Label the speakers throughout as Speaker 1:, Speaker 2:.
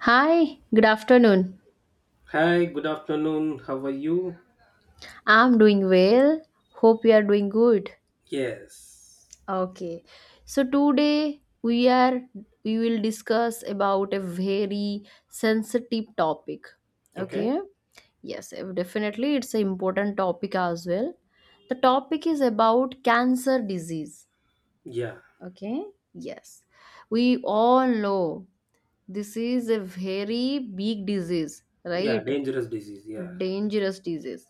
Speaker 1: Hi, good afternoon.
Speaker 2: Hi, good afternoon. How are you?
Speaker 1: I'm doing well. Hope you are doing good.
Speaker 2: Yes.
Speaker 1: Okay. So today we will discuss about a very sensitive topic. Okay?
Speaker 2: Okay.
Speaker 1: Yes, definitely it's an important topic as well. The topic is about cancer disease.
Speaker 2: Yeah.
Speaker 1: Okay? Yes. We all know this is a very big disease,
Speaker 2: Yeah.
Speaker 1: right?
Speaker 2: Dangerous disease. Yeah.
Speaker 1: Dangerous disease,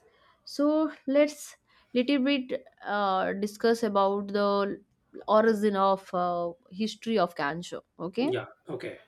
Speaker 1: so let's little bit discuss about the origin of, history of cancer. Okay,
Speaker 2: Yeah. Okay.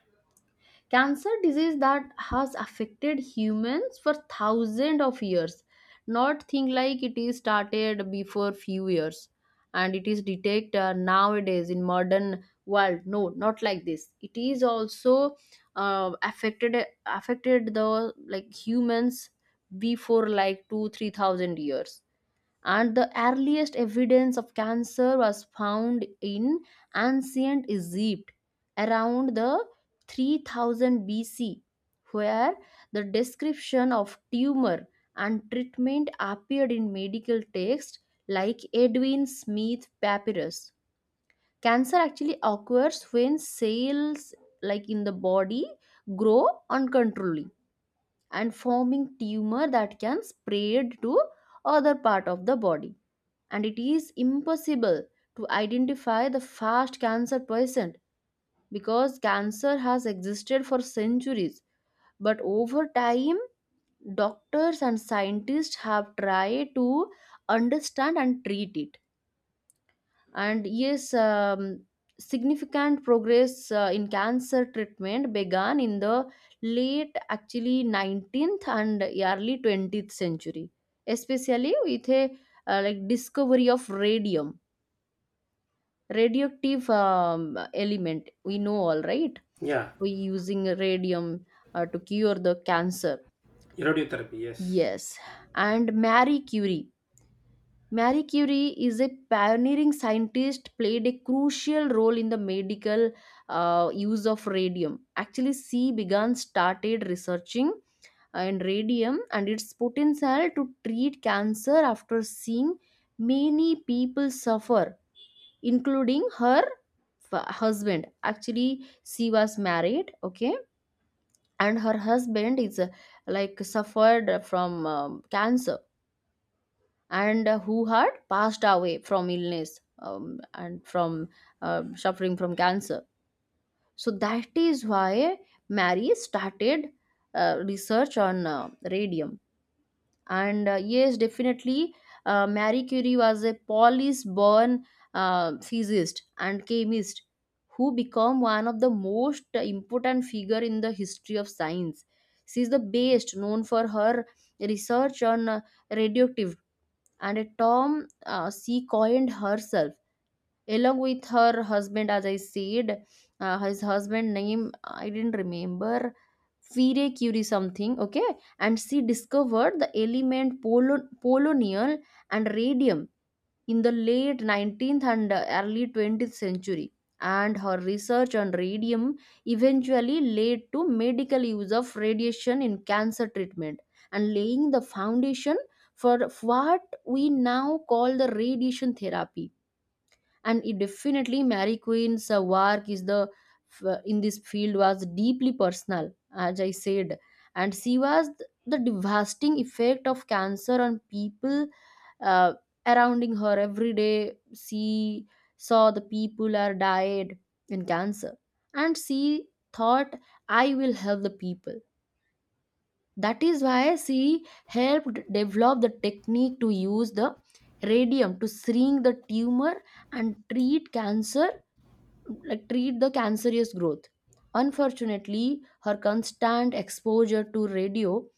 Speaker 1: cancer disease that has affected humans for thousands of years. Not think like it is started before few years and it is detect nowadays in modern world. No, not like this. It is also uh, affected affected the like humans before like 2 3,000 years. And the earliest evidence of cancer was found in ancient Egypt around the 3000 BC, where the description of tumor and treatment appeared in medical texts like Edwin Smith papyrus. Cancer actually occurs when cells like in the body grow uncontrollably and forming tumor that can spread to other part of the body. And it is impossible to identify the first cancer patient because cancer has existed for centuries, but over time doctors and scientists have tried to understand and treat it. And yes, significant progress in cancer treatment began in the late actually 19th and early 20th century, especially with a like discovery of radium, radioactive element, we know, all right.
Speaker 2: Yeah.
Speaker 1: We using radium to cure the cancer.
Speaker 2: Radiotherapy. Yes.
Speaker 1: Yes. And Marie Curie, Marie Curie is a pioneering scientist, played a crucial role in the medical use of radium. Actually she began started researching and radium and its potential to treat cancer after seeing many people suffer, including her husband. Actually she was married, okay, and her husband is, suffered from cancer, and who had passed away from illness, and from suffering from cancer. So that is why Mary started research on radium. And yes, definitely, Marie Curie was a polish born physicist and chemist who became one of the most important figure in the history of science. She is the best known for her research on, radioactive, and a term she coined herself along with her husband, as I said. His husband name I didn't remember. Fire Curie something, okay. And she discovered the element polonium and radium in the late 19th and early 20th century. And her research on radium eventually led to medical use of radiation in cancer treatment and laying the foundation for what we now call the radiation therapy. And it definitely Mary Queen's work is the in this field was deeply personal, as I said, and she was the devastating effect of cancer on people uh, surrounding her every day. She saw the people are died in cancer, and she thought, "I will help the people." That is why she helped develop the technique to use the radium to shrink the tumor and treat cancer, like treat the cancerous growth. Unfortunately, her constant exposure to radio,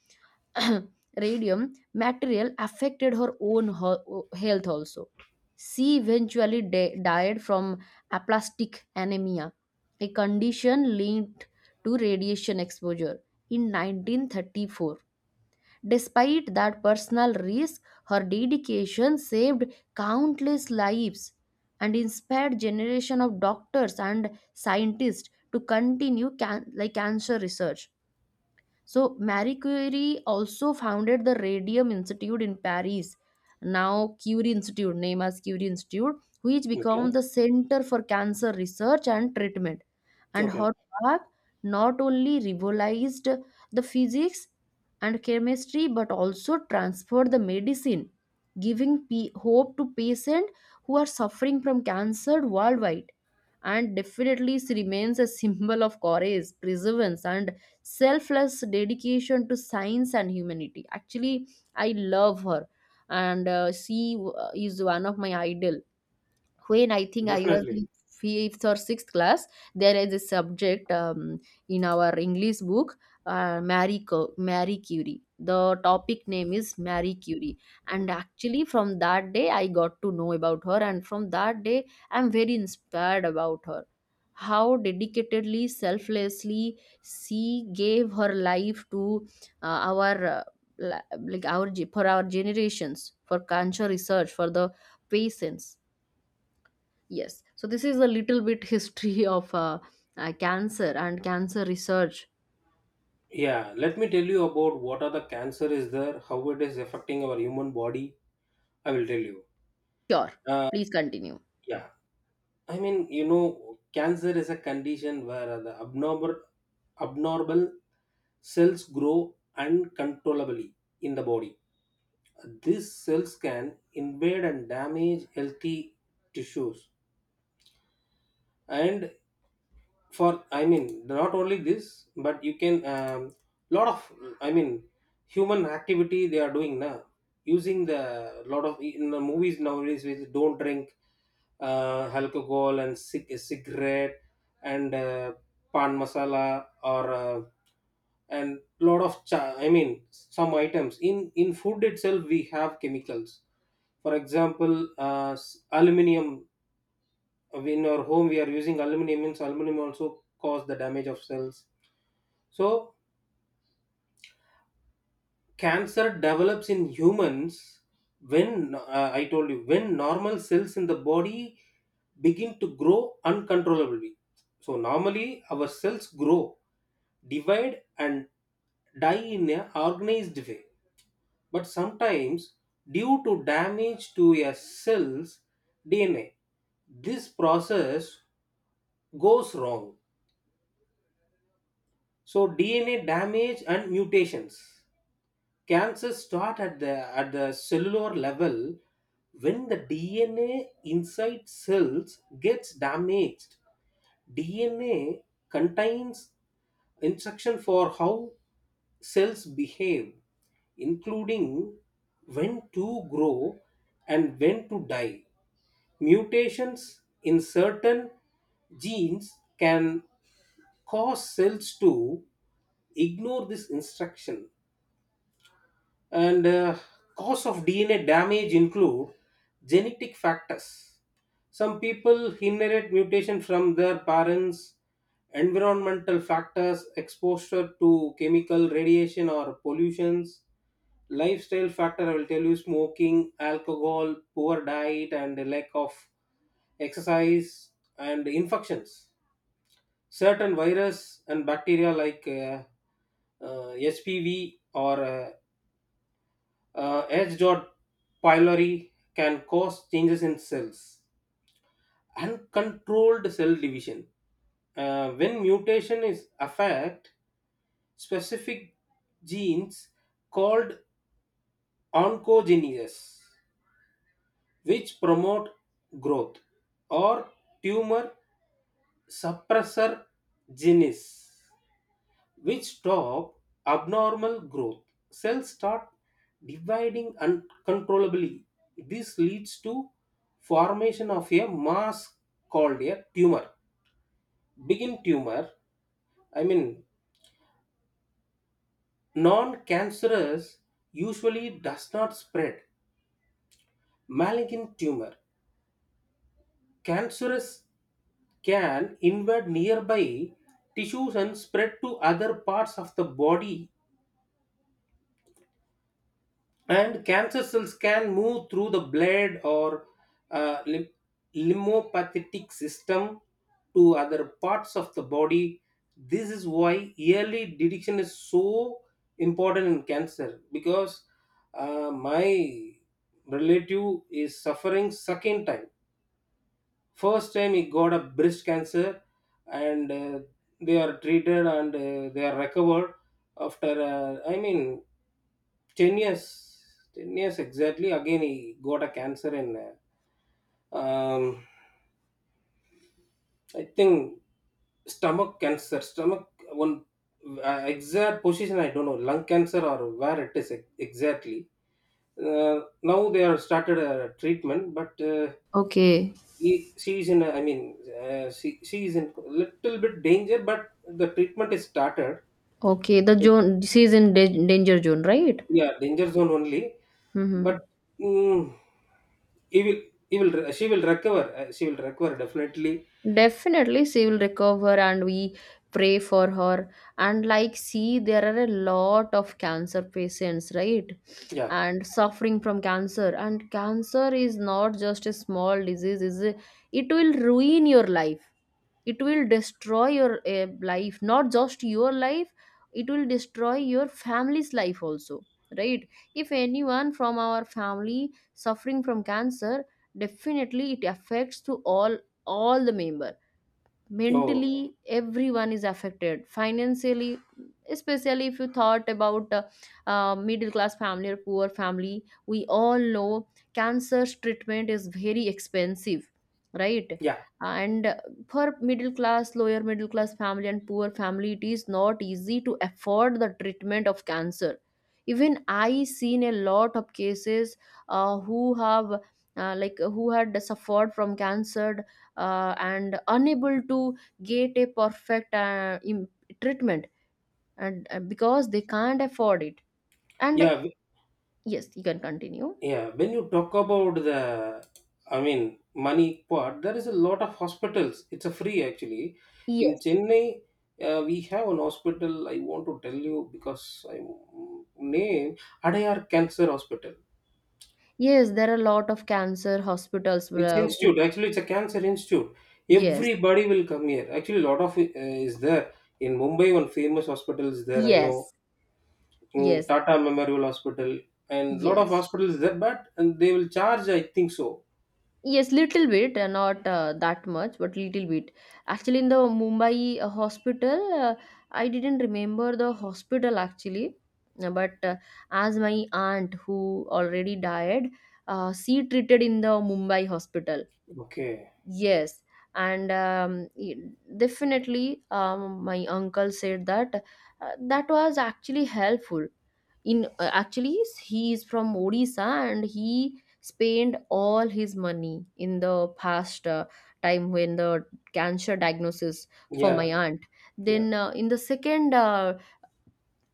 Speaker 1: radium material affected her own health also. She eventually died from aplastic anemia, a condition linked to radiation exposure in 1934. Despite that personal risk, her dedication saved countless lives and inspired generation of doctors and scientists to continue like cancer research. So Marie Curie also founded the Radium Institute in Paris, now Curie Institute, named as Curie Institute, which became
Speaker 2: Okay.
Speaker 1: the center for cancer research and treatment. And
Speaker 2: Okay.
Speaker 1: Horbach not only revolutionized the physics and chemistry, but also transferred the medicine, giving hope to patients who are suffering from cancer worldwide. And definitely, she remains a symbol of courage, perseverance, and selfless dedication to science and humanity. Actually, I love her, and she is one of my idol. When I think I was
Speaker 2: Definitely.
Speaker 1: in fifth or sixth class, there is a subject in our English book, Marie, Marie Curie. The topic name is Marie Curie. And actually, from that day, I got to know about her. And from that day, I'm very inspired about her, how dedicatedly, selflessly she gave her life to, our, like our for our generations, for cancer research, for the patients. Yes. So this is a little bit history of, cancer and cancer research.
Speaker 2: Yeah. Let me tell you about what are the cancer is there, how it is affecting our human body. I will tell you.
Speaker 1: Sure. Please continue.
Speaker 2: Yeah. I mean, cancer is a condition where the abnormal cells grow uncontrollably in the body. These cells can invade and damage healthy tissues. And for, I mean, not only this, but you can, lot of, I mean, human activity they are doing now. Using the lot of in the movies nowadays, which don't drink alcohol and cigarette and pan masala or. And lot of I mean some items in food itself we have chemicals, for example aluminum. In our home we are using aluminum, means aluminum also cause the damage of cells. So cancer develops in humans when, I told you, when normal cells in the body begin to grow uncontrollably. So normally our cells grow, divide and die in a organized way, but sometimes due to damage to a cell's DNA, this process goes wrong. So DNA damage and mutations. Cancers start at the cellular level when the DNA inside cells gets damaged. DNA contains instruction for how cells behave, including when to grow and when to die. Mutations in certain genes can cause cells to ignore this instruction. And cause of DNA damage include genetic factors. Some people inherit mutation from their parents. Environmental factors, exposure to chemical radiation or pollutions. Lifestyle factor, I will tell you, smoking, alcohol, poor diet and a lack of exercise. And infections, certain virus and bacteria like HPV or H. pylori can cause changes in cells. Uncontrolled cell division. When mutation is affect specific genes called oncogenesis, which promote growth, or tumor suppressor genes, which stop abnormal growth. Cells start dividing uncontrollably. This leads to formation of a mass called a tumor. Begin tumor, I mean non-cancerous, usually does not spread. Malignant tumor, cancerous, can invade nearby tissues and spread to other parts of the body. And cancer cells can move through the blood or uh, lim- lymphopathetic system to other parts of the body. This is why early detection is so important in cancer, because my relative is suffering second time. First time he got a breast cancer, and they are treated, and they are recovered after. I mean, 10 years, 10 years exactly. Again, he got a cancer in. Uh, um, I think stomach cancer, stomach one, exact position. I don't know lung cancer or where it is exactly. Now they are started a treatment, but.
Speaker 1: Okay.
Speaker 2: She is in a, I mean she is in little bit danger, but the treatment is started.
Speaker 1: Okay. The
Speaker 2: It-
Speaker 1: zone. This is in danger zone, right?
Speaker 2: yeah, danger zone only.
Speaker 1: Mm-hmm.
Speaker 2: But mm, he will he will she will recover. She will recover definitely.
Speaker 1: Definitely, she will recover, and we pray for her. And like, see, there are a lot of cancer patients, right?
Speaker 2: Yeah.
Speaker 1: And suffering from cancer. And cancer is not just a small disease; it will ruin your life. It will destroy your life, not just your life. It will destroy your family's life also, right? If anyone from our family suffering from cancer, definitely it affects to all, the member
Speaker 2: Oh.
Speaker 1: mentally. Everyone is affected financially, especially if you thought about, middle class family or poor family. We all know cancer treatment is very expensive, right?
Speaker 2: Yeah.
Speaker 1: And for middle class, lower middle class family and poor family, it is not easy to afford the treatment of cancer. Even I seen a lot of cases, who have, who had suffered from cancer, and unable to get a perfect treatment, and because they can't afford it. And
Speaker 2: Yeah.
Speaker 1: yes, you can continue.
Speaker 2: Yeah, when you talk about the, I mean, money part, there is a lot of hospitals. It's a free actually. In
Speaker 1: Yes.
Speaker 2: Chennai, we have an hospital. I want to tell you because I name Adayar Cancer Hospital.
Speaker 1: Yes, there are a lot of cancer hospitals
Speaker 2: It's
Speaker 1: where-,
Speaker 2: institute. Actually, it's a cancer institute.
Speaker 1: yes,
Speaker 2: Everybody will come here. Actually, a lot of is there in Mumbai. One famous hospital is there. I know.
Speaker 1: yes, yes,
Speaker 2: Tata Memorial Hospital and lot of
Speaker 1: yes.
Speaker 2: hospitals there, but and they will charge. I think so.
Speaker 1: Yes, little bit, not that much, but little bit. Actually, in the Mumbai hospital, I didn't remember the hospital actually. But As my aunt who already died, she treated in the Mumbai hospital.
Speaker 2: Okay.
Speaker 1: Yes, and definitely, my uncle said that that was actually helpful in, actually he is from Odisha, and he spent all his money in the past time when the cancer diagnosis for
Speaker 2: Yeah.
Speaker 1: my aunt.
Speaker 2: Yeah.
Speaker 1: Then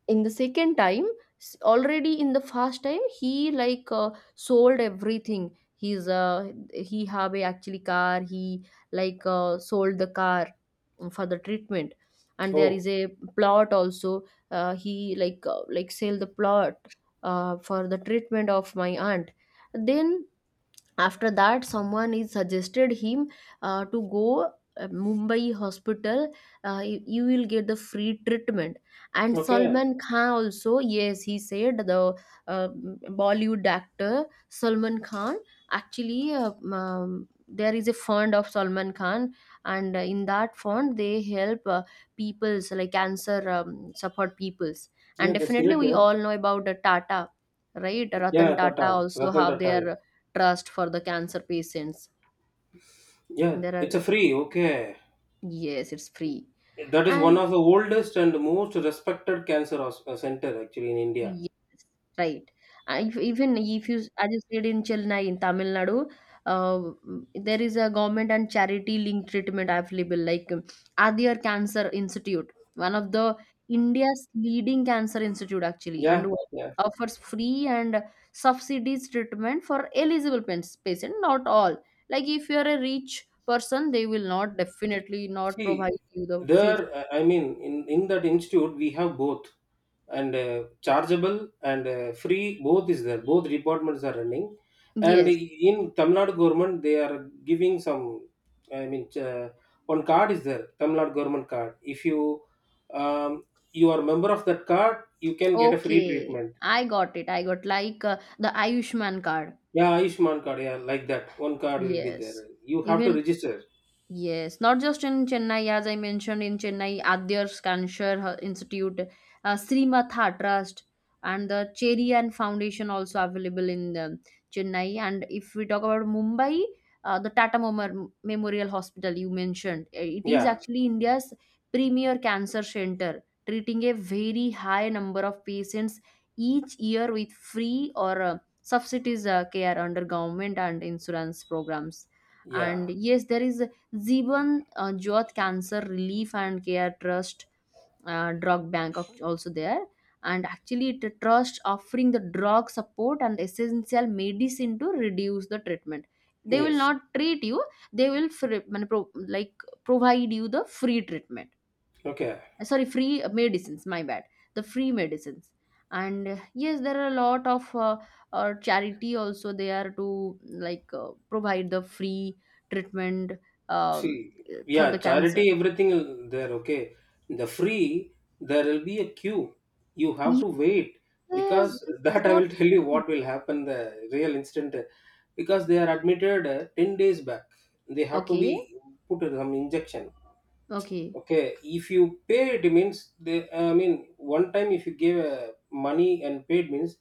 Speaker 1: in the second time, already in the first time, he like sold everything. He's, he have a actually car. He like sold the car for the treatment. And there
Speaker 2: Oh,
Speaker 1: is a plot also, he like, sell the plot for the treatment of my aunt. Then after that someone is suggested him to go Mumbai hospital. You, you will get the free treatment. And
Speaker 2: okay.
Speaker 1: Salman Khan also, yes, he said the, uh, Bollywood actor Salman Khan, actually, there is a fund of Salman Khan, and in that fund they help peoples like cancer, suffered peoples. And
Speaker 2: Yeah, that's
Speaker 1: definitely
Speaker 2: great.
Speaker 1: we
Speaker 2: Yeah.
Speaker 1: all know about the Tata, right? Ratan
Speaker 2: Yeah,
Speaker 1: Tata
Speaker 2: Tata.
Speaker 1: also
Speaker 2: Ratan
Speaker 1: have
Speaker 2: Tata.
Speaker 1: their trust for the cancer patients.
Speaker 2: Yeah,
Speaker 1: There
Speaker 2: it's a
Speaker 1: are,
Speaker 2: free. Okay.
Speaker 1: yes, it's free.
Speaker 2: That is one
Speaker 1: And
Speaker 2: of the oldest and most respected cancer center actually in India.
Speaker 1: yes, right. If, even if you, as you said in Chennai, in Tamil Nadu, uh, there is a government and charity linked treatment available, like Adyar Cancer Institute, one of the India's leading cancer institute actually, and
Speaker 2: Yeah. Yeah.
Speaker 1: offers free and subsidies treatment for eligible patient, not all. Like if you are a rich person, they will not, definitely not, provide
Speaker 2: See,
Speaker 1: you the fifth.
Speaker 2: there, I mean, in that institute, we have both and chargeable and free, both is there. Both departments are running. And
Speaker 1: Yes.
Speaker 2: in Tamil Nadu government, they are giving some, I mean, one card is there, Tamil Nadu government card. If um, you are member of that card, you can get a free
Speaker 1: Okay,
Speaker 2: treatment.
Speaker 1: I got it. I got like the Ayushman card.
Speaker 2: Yeah, Ayushman card, yeah, like that. One card will be there.
Speaker 1: Yes.
Speaker 2: You have to
Speaker 1: Even,
Speaker 2: register.
Speaker 1: yes, not just in Chennai, as I mentioned in Chennai, Adyar Cancer Institute, Srimatha Trust, and the Cherian Foundation also available in the Chennai. And if we talk about Mumbai, the Tata Memorial Hospital you mentioned, it is
Speaker 2: Yeah,
Speaker 1: actually India's premier cancer center, treating a very high number of patients each year with free or subsidies care under government and insurance programs. And
Speaker 2: yeah,
Speaker 1: yes, there is Zeban Youth Cancer Relief and Care Trust, drug bank also there. And actually it a trust offering the drug support and essential medicine to reduce the treatment. They will
Speaker 2: yes.
Speaker 1: not treat you, they will free, like provide you the free treatment.
Speaker 2: Okay.
Speaker 1: Sorry, free medicines, my bad. The free medicines. And yes, there are a lot of, charity also there to like provide the free treatment, um,
Speaker 2: See,
Speaker 1: for
Speaker 2: yeah,
Speaker 1: the cancer.
Speaker 2: charity, everything there, okay. The free, there will be a queue. You have to wait
Speaker 1: Yes,
Speaker 2: because
Speaker 1: this is
Speaker 2: that I
Speaker 1: not
Speaker 2: will tell you what will happen the real instant because they are admitted 10 days back. They have to
Speaker 1: okay.
Speaker 2: be put some injection.
Speaker 1: Okay.
Speaker 2: Okay, if you pay, it means they, I mean, one time if you give money and paid means,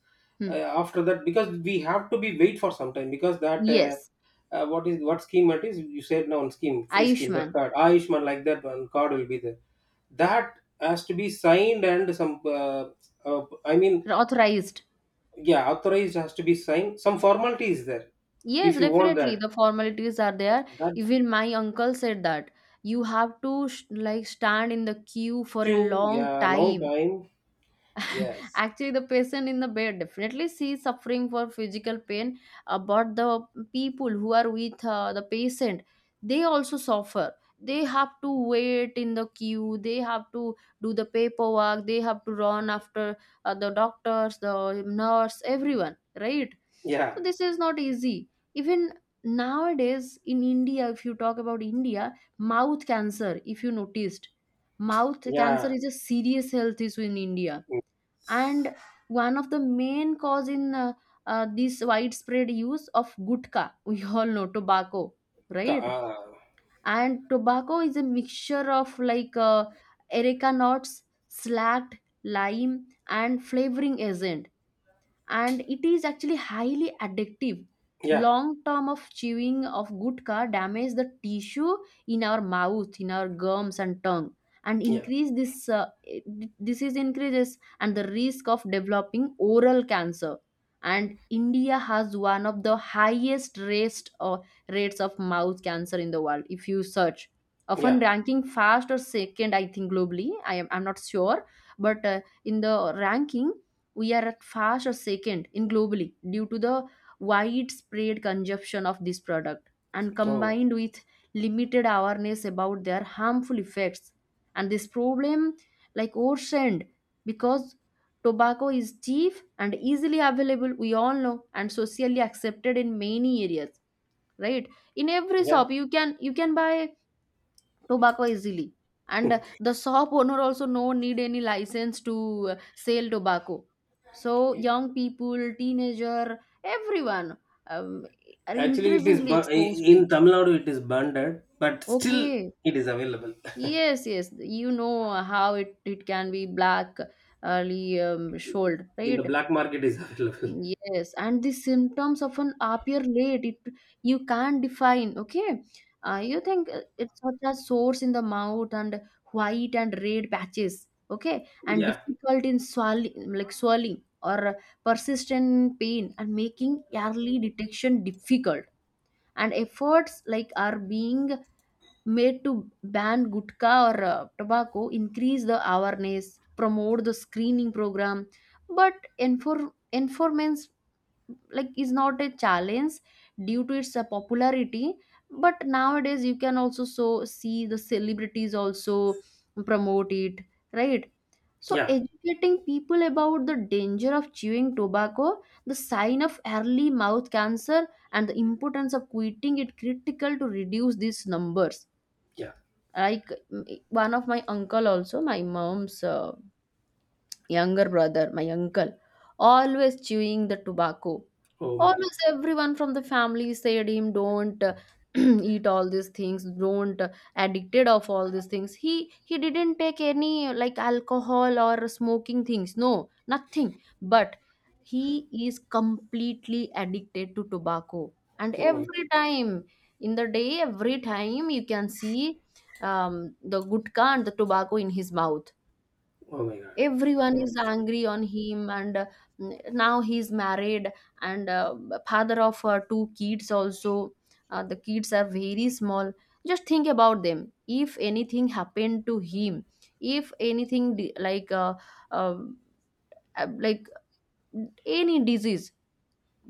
Speaker 2: uh,
Speaker 1: Hmm.
Speaker 2: after that, because we have to be wait for some time because that
Speaker 1: Yes.
Speaker 2: what is what scheme it is? You said no on scheme, free scheme,
Speaker 1: Ayushman.
Speaker 2: that card, Ah, Ayushman, like that one card will be there. That has to be signed and some. I mean,
Speaker 1: Authorized.
Speaker 2: yeah, authorized has to be signed. Some formality is there.
Speaker 1: Yes,
Speaker 2: If you want
Speaker 1: definitely
Speaker 2: that,
Speaker 1: the formalities are there.
Speaker 2: that
Speaker 1: Even my uncle said that you have to like stand in the queue for a
Speaker 2: too,
Speaker 1: long
Speaker 2: yeah, long
Speaker 1: time.
Speaker 2: time. Yes.
Speaker 1: Actually, the patient in the bed definitely sees suffering for physical pain, but the people who are with the patient, they also suffer. They have to wait in the queue. They have to do the paperwork. They have to run after the doctors, the nurse, everyone, right? So
Speaker 2: Yeah.
Speaker 1: this is not easy. Even nowadays in India, if you talk about India, mouth cancer, if you noticed, mouth cancer
Speaker 2: Yeah.
Speaker 1: is a serious health issue in India and one of the main cause in this widespread use of gutka we all know tobacco, right?
Speaker 2: Uh,
Speaker 1: And tobacco is a mixture of like erica nuts, slacked lime and flavoring agent, and it is actually highly addictive.
Speaker 2: yeah.
Speaker 1: Long term of chewing of gutka damage the tissue in our mouth, in our gums and tongue, and
Speaker 2: Yeah.
Speaker 1: increase this disease increases and the risk of developing oral cancer. And India has one of the highest rates or rates of mouth cancer in the world. If you search, often
Speaker 2: Yeah.
Speaker 1: ranking first or second, I think globally, I'm not sure, but in the ranking we are at first or second in globally due to the widespread consumption of this product, and
Speaker 2: Oh.
Speaker 1: combined with limited awareness about their harmful effects. And this problem like ocean, because tobacco is cheap and easily available, we all know, and socially accepted in many areas, right? In every
Speaker 2: Yeah.
Speaker 1: shop you can buy tobacco easily. And the shop owner also no need any license to sell tobacco. So young people, teenager, everyone, um, are
Speaker 2: Actually, it is
Speaker 1: increasingly exposed to
Speaker 2: in
Speaker 1: it.
Speaker 2: Tamil Nadu. It is bundled, but still,
Speaker 1: Okay.
Speaker 2: it is available.
Speaker 1: Yes, you know how it can be black early, sold,
Speaker 2: In the
Speaker 1: right?
Speaker 2: black market is available.
Speaker 1: Yes, and the symptoms often appear late. It, you can't define. Okay, you think it's such as sores in the mouth and white and red patches. Okay, and
Speaker 2: Yeah,
Speaker 1: difficult in swallowing, like swelling or persistent pain, and making early detection difficult. And efforts like are being made to ban gutka or tobacco, increase the awareness, promote the screening program, but enforcement like is not a challenge due to its popularity. But nowadays you can also so see the celebrities also promote it, right? So
Speaker 2: yeah,
Speaker 1: educating people about the danger of chewing tobacco, the sign of early mouth cancer and the importance of quitting it critical to reduce these numbers.
Speaker 2: yeah.
Speaker 1: Like one of my uncle, also my mom's younger brother, my uncle, always chewing the tobacco.
Speaker 2: Oh my god.
Speaker 1: Almost everyone from the family said him, don't eat all these things, don't addicted of all these things. He didn't take any like alcohol or smoking things, no, nothing. But he is completely addicted to tobacco, and
Speaker 2: Oh my god.
Speaker 1: every time in the day, every time you can see the gutka and the tobacco in his mouth.
Speaker 2: Oh my god.
Speaker 1: Everyone is angry on him. And now he's married, and father of two kids also. The kids are very small. Just think about them, if anything happened to him, if anything di- like uh, uh, uh, like any disease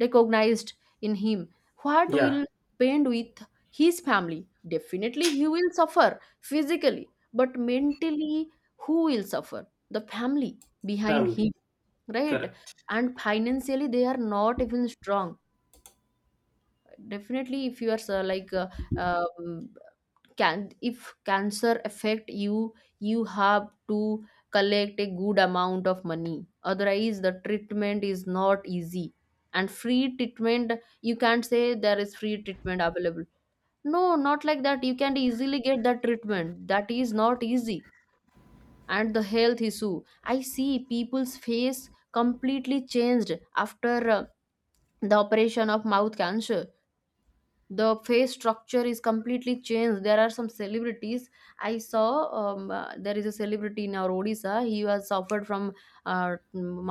Speaker 1: recognized in him, what will
Speaker 2: Yeah,
Speaker 1: happen with his family? Definitely he will suffer physically, but mentally, who will suffer? The family behind
Speaker 2: family.
Speaker 1: him, right?
Speaker 2: Correct.
Speaker 1: And financially they are not even strong. Definitely, if you are um, can, if cancer affect you, you have to collect a good amount of money, otherwise the treatment is not easy. And free treatment, you can't say there is free treatment available. No, not like that. You can easily get that treatment, that is not easy. And the health issue, I see people's face completely changed after the operation of mouth cancer. The face structure is completely changed. There are some celebrities I saw. There is a celebrity in our Odisha, he was suffered from uh,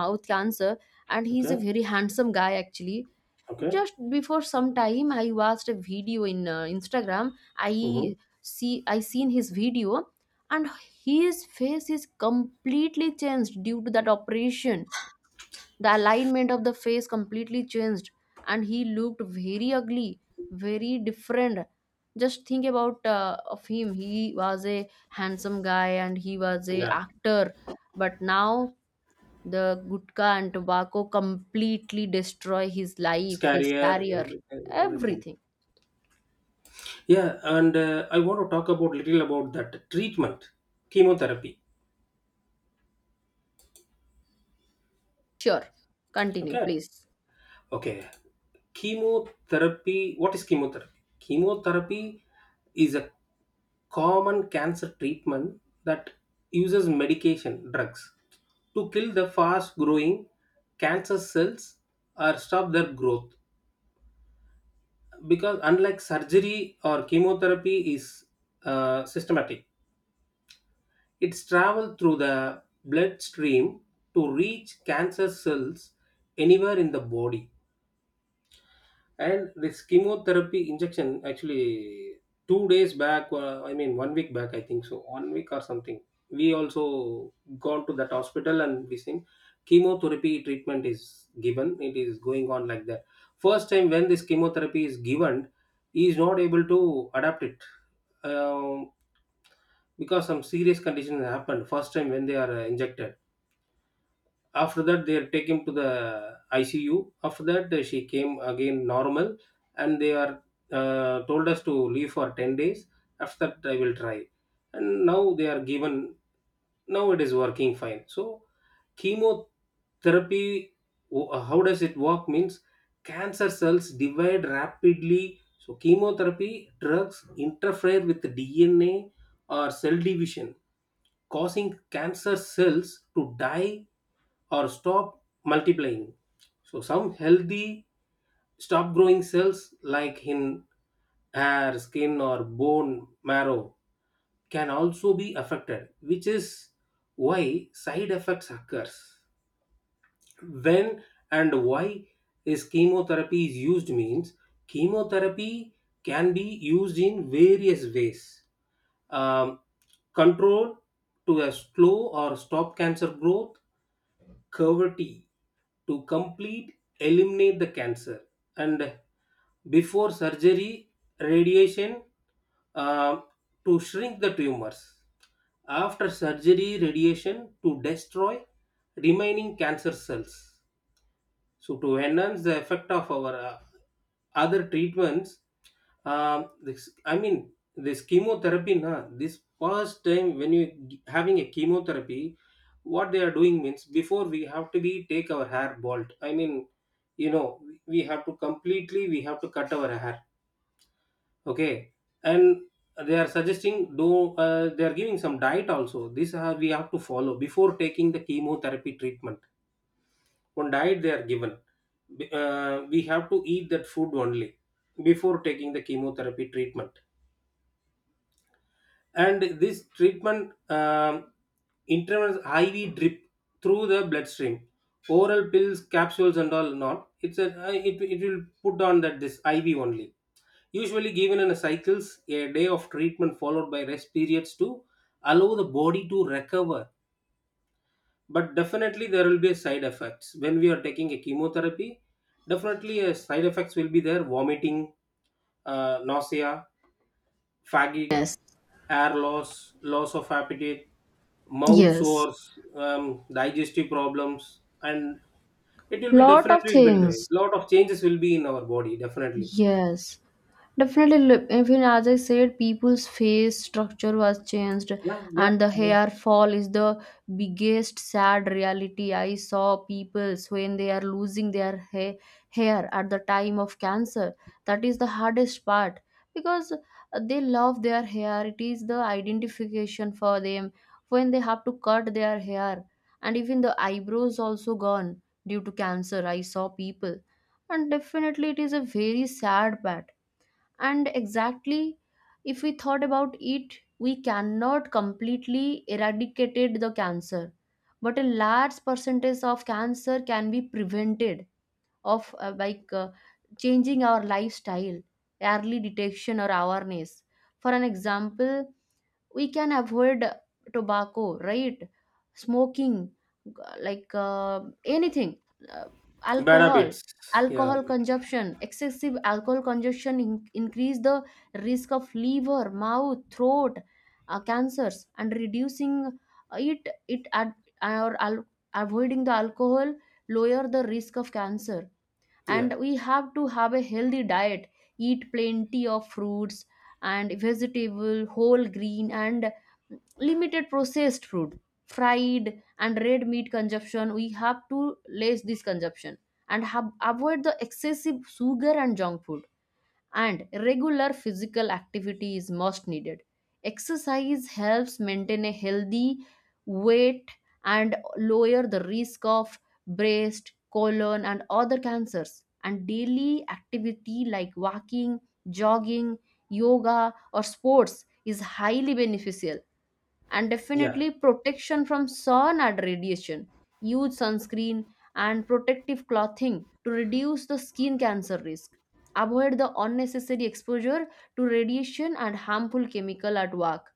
Speaker 1: mouth cancer, and he's a
Speaker 2: Okay.
Speaker 1: very handsome guy actually.
Speaker 2: Okay.
Speaker 1: Just before some time I watched a video in Instagram.
Speaker 2: Mm-hmm.
Speaker 1: I see i seen his video, and his face is completely changed due to that operation. The alignment of the face completely changed, and he looked very ugly, very different. Just think about of him, he was a handsome guy and he was a
Speaker 2: Yeah.
Speaker 1: actor. But now the gutka and tobacco completely destroy his
Speaker 2: His
Speaker 1: life, his
Speaker 2: career,
Speaker 1: career,
Speaker 2: every, everything.
Speaker 1: everything.
Speaker 2: Yeah, and I want to talk about little about that treatment, chemotherapy.
Speaker 1: Sure, continue
Speaker 2: Okay.
Speaker 1: please.
Speaker 2: Okay. Chemotherapy. What is chemotherapy? Chemotherapy is a common cancer treatment that uses medication drugs to kill the fast growing cancer cells or stop their growth, because unlike surgery or chemotherapy is systematic. It's travel through the bloodstream to reach cancer cells anywhere in the body. And this chemotherapy injection actually 2 days back, I mean 1 week back, I think so, 1 week or something. We also gone to that hospital and we seen chemotherapy treatment is given. It is going on like that. First time when this chemotherapy is given, he is not able to adapt it, um, because some serious conditions happened first time when they are injected. After that, they take him to the ICU. After that, she came again normal, and they are told us to leave for 10 years. After that, I will try. And now they are given. Now it is working fine. So chemotherapy, how does it work means cancer cells divide rapidly, so chemotherapy drugs interfere with the DNA or cell division, causing cancer cells to die or stop multiplying. So some healthy stop growing cells, like in hair, skin, or bone marrow, can also be affected, which is why side effects occurs. When and why is chemotherapy is used means chemotherapy can be used in various ways. Um, Control to a slow or stop cancer growth. Cavity to complete eliminate the cancer. And before surgery radiation, uh, to shrink the tumors. After surgery radiation to destroy remaining cancer cells, so to enhance the effect of our other treatments. This, I mean, this chemotherapy. Na, this first time when you having a chemotherapy, what they are doing means before we have to be take our hair bald. I mean, we have to cut our hair. Okay, and they are suggesting do they are giving some diet also. This we have to follow before taking the chemotherapy treatment. One diet they are given. We have to eat that food only before taking the chemotherapy treatment. And this treatment, intravenous IV drip through the bloodstream. Oral pills, capsules and all not. It's a, it will put on that this IV only. Usually given in a cycles, a day of treatment followed by rest periods to allow the body to recover. But definitely there will be side effects when we are taking a chemotherapy. Definitely side effects will be there. Vomiting, nausea, fatigue,
Speaker 1: Yes,
Speaker 2: air loss, loss of appetite, mouth
Speaker 1: yes,
Speaker 2: sores, digestive problems. And it will be,
Speaker 1: lot of
Speaker 2: definitely it will be there,
Speaker 1: things.
Speaker 2: lot of changes will be in our body definitely.
Speaker 1: Yes, definitely. Look, even as I said, people's face structure was changed,
Speaker 2: Yeah. Yeah,
Speaker 1: and the
Speaker 2: yeah.
Speaker 1: hair fall is the biggest sad reality. I saw people's when they are losing their hair at the time of cancer. That is the hardest part, because they love their hair. It is the identification for them. When they have to cut their hair, and even the eyebrows also gone due to cancer, I saw people, and definitely it is a very sad part. And exactly, if we thought about it, we cannot completely eradicated the cancer, but a large percentage of cancer can be prevented of changing our lifestyle, early detection or awareness. For an example, we can avoid tobacco, right? Smoking, like anything, uh,
Speaker 2: Bad
Speaker 1: alcohol.
Speaker 2: habits. Yeah.
Speaker 1: Alcohol consumption, excessive alcohol consumption increase the risk of liver, mouth, throat, cancers, and reducing it or al- avoiding the alcohol lower the risk of cancer.
Speaker 2: Yeah.
Speaker 1: And we have to have a healthy diet, eat plenty of fruits and vegetable, whole green, and limited processed food, fried and red meat consumption, we have to less this consumption, and avoid the excessive sugar and junk food. And regular physical activity is most needed. Exercise helps maintain a healthy weight and lower the risk of breast, colon, and other cancers. And daily activity like walking, jogging, yoga, or sports is highly beneficial. And
Speaker 2: Yeah.
Speaker 1: definitely protection from sun and radiation. Use sunscreen and protective clothing to reduce the skin cancer risk. Avoid the unnecessary exposure to radiation and harmful chemical at work.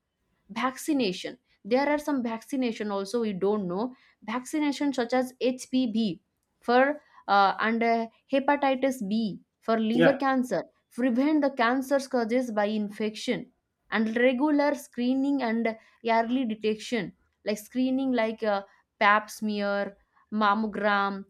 Speaker 1: Vaccination, there are some vaccination also we don't know. Vaccination such as HPV for and hepatitis B for liver
Speaker 2: Yeah.
Speaker 1: cancer prevent the cancers caused by infection. And regular screening and early detection, like screening like pap smear, mammogram,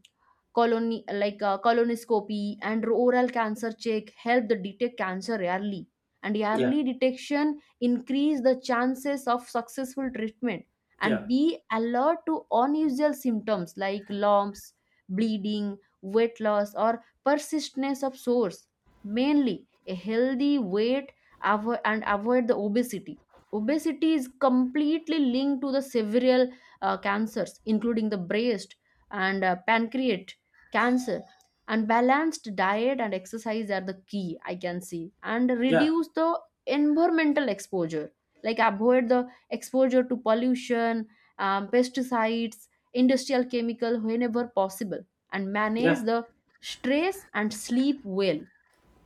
Speaker 1: colony, like colonoscopy and oral cancer check help the detect cancer early. And
Speaker 2: Yeah.
Speaker 1: early detection increase the chances of successful treatment. And
Speaker 2: Yeah.
Speaker 1: be alert to unusual symptoms like lumps, bleeding, weight loss, or persistence of sores. Mainly a healthy weight, and avoid the obesity. Obesity is completely linked to the several cancers, including the breast and pancreatic cancer. And balanced diet and exercise are the key, I can see. And
Speaker 2: Yeah.
Speaker 1: reduce the environmental exposure, like avoid the exposure to pollution, pesticides, industrial chemical, whenever possible. And manage
Speaker 2: Yeah.
Speaker 1: the stress and sleep well.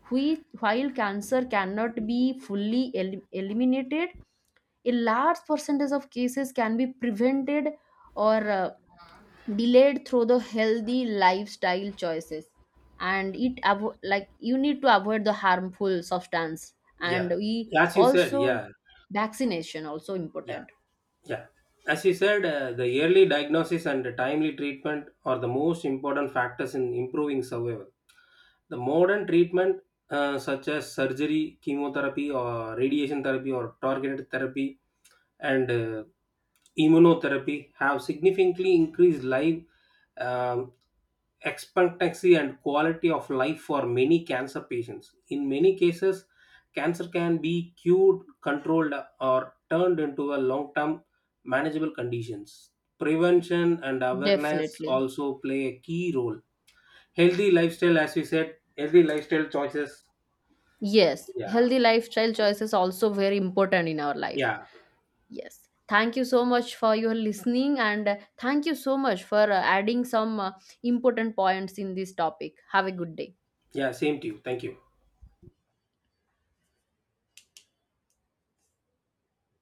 Speaker 1: We, while cancer cannot be fully eliminated, a large percentage of cases can be prevented or delayed through the healthy lifestyle choices. And like, you need to avoid the harmful substance. And
Speaker 2: Yeah,
Speaker 1: we
Speaker 2: as you said.
Speaker 1: also
Speaker 2: Yeah.
Speaker 1: vaccination also
Speaker 2: Yeah.
Speaker 1: important.
Speaker 2: Yeah. As you said, the early diagnosis and timely treatment are the most important factors in improving survival. The modern treatment, such as surgery, chemotherapy, or radiation therapy, or targeted therapy, and immunotherapy, have significantly increased life um, expectancy and quality of life for many cancer patients. In many cases, cancer can be cured, controlled, or turned into a long term manageable conditions. Prevention and awareness
Speaker 1: Definitely.
Speaker 2: also play a key role. Healthy lifestyle, as we said, healthy lifestyle choices.
Speaker 1: Yes,
Speaker 2: Yeah,
Speaker 1: healthy lifestyle choices also very important in our life.
Speaker 2: yeah,
Speaker 1: Yes, thank you so much for your listening, and thank you so much for adding some important points in this topic. Have a good day.
Speaker 2: yeah, same to you. Thank you.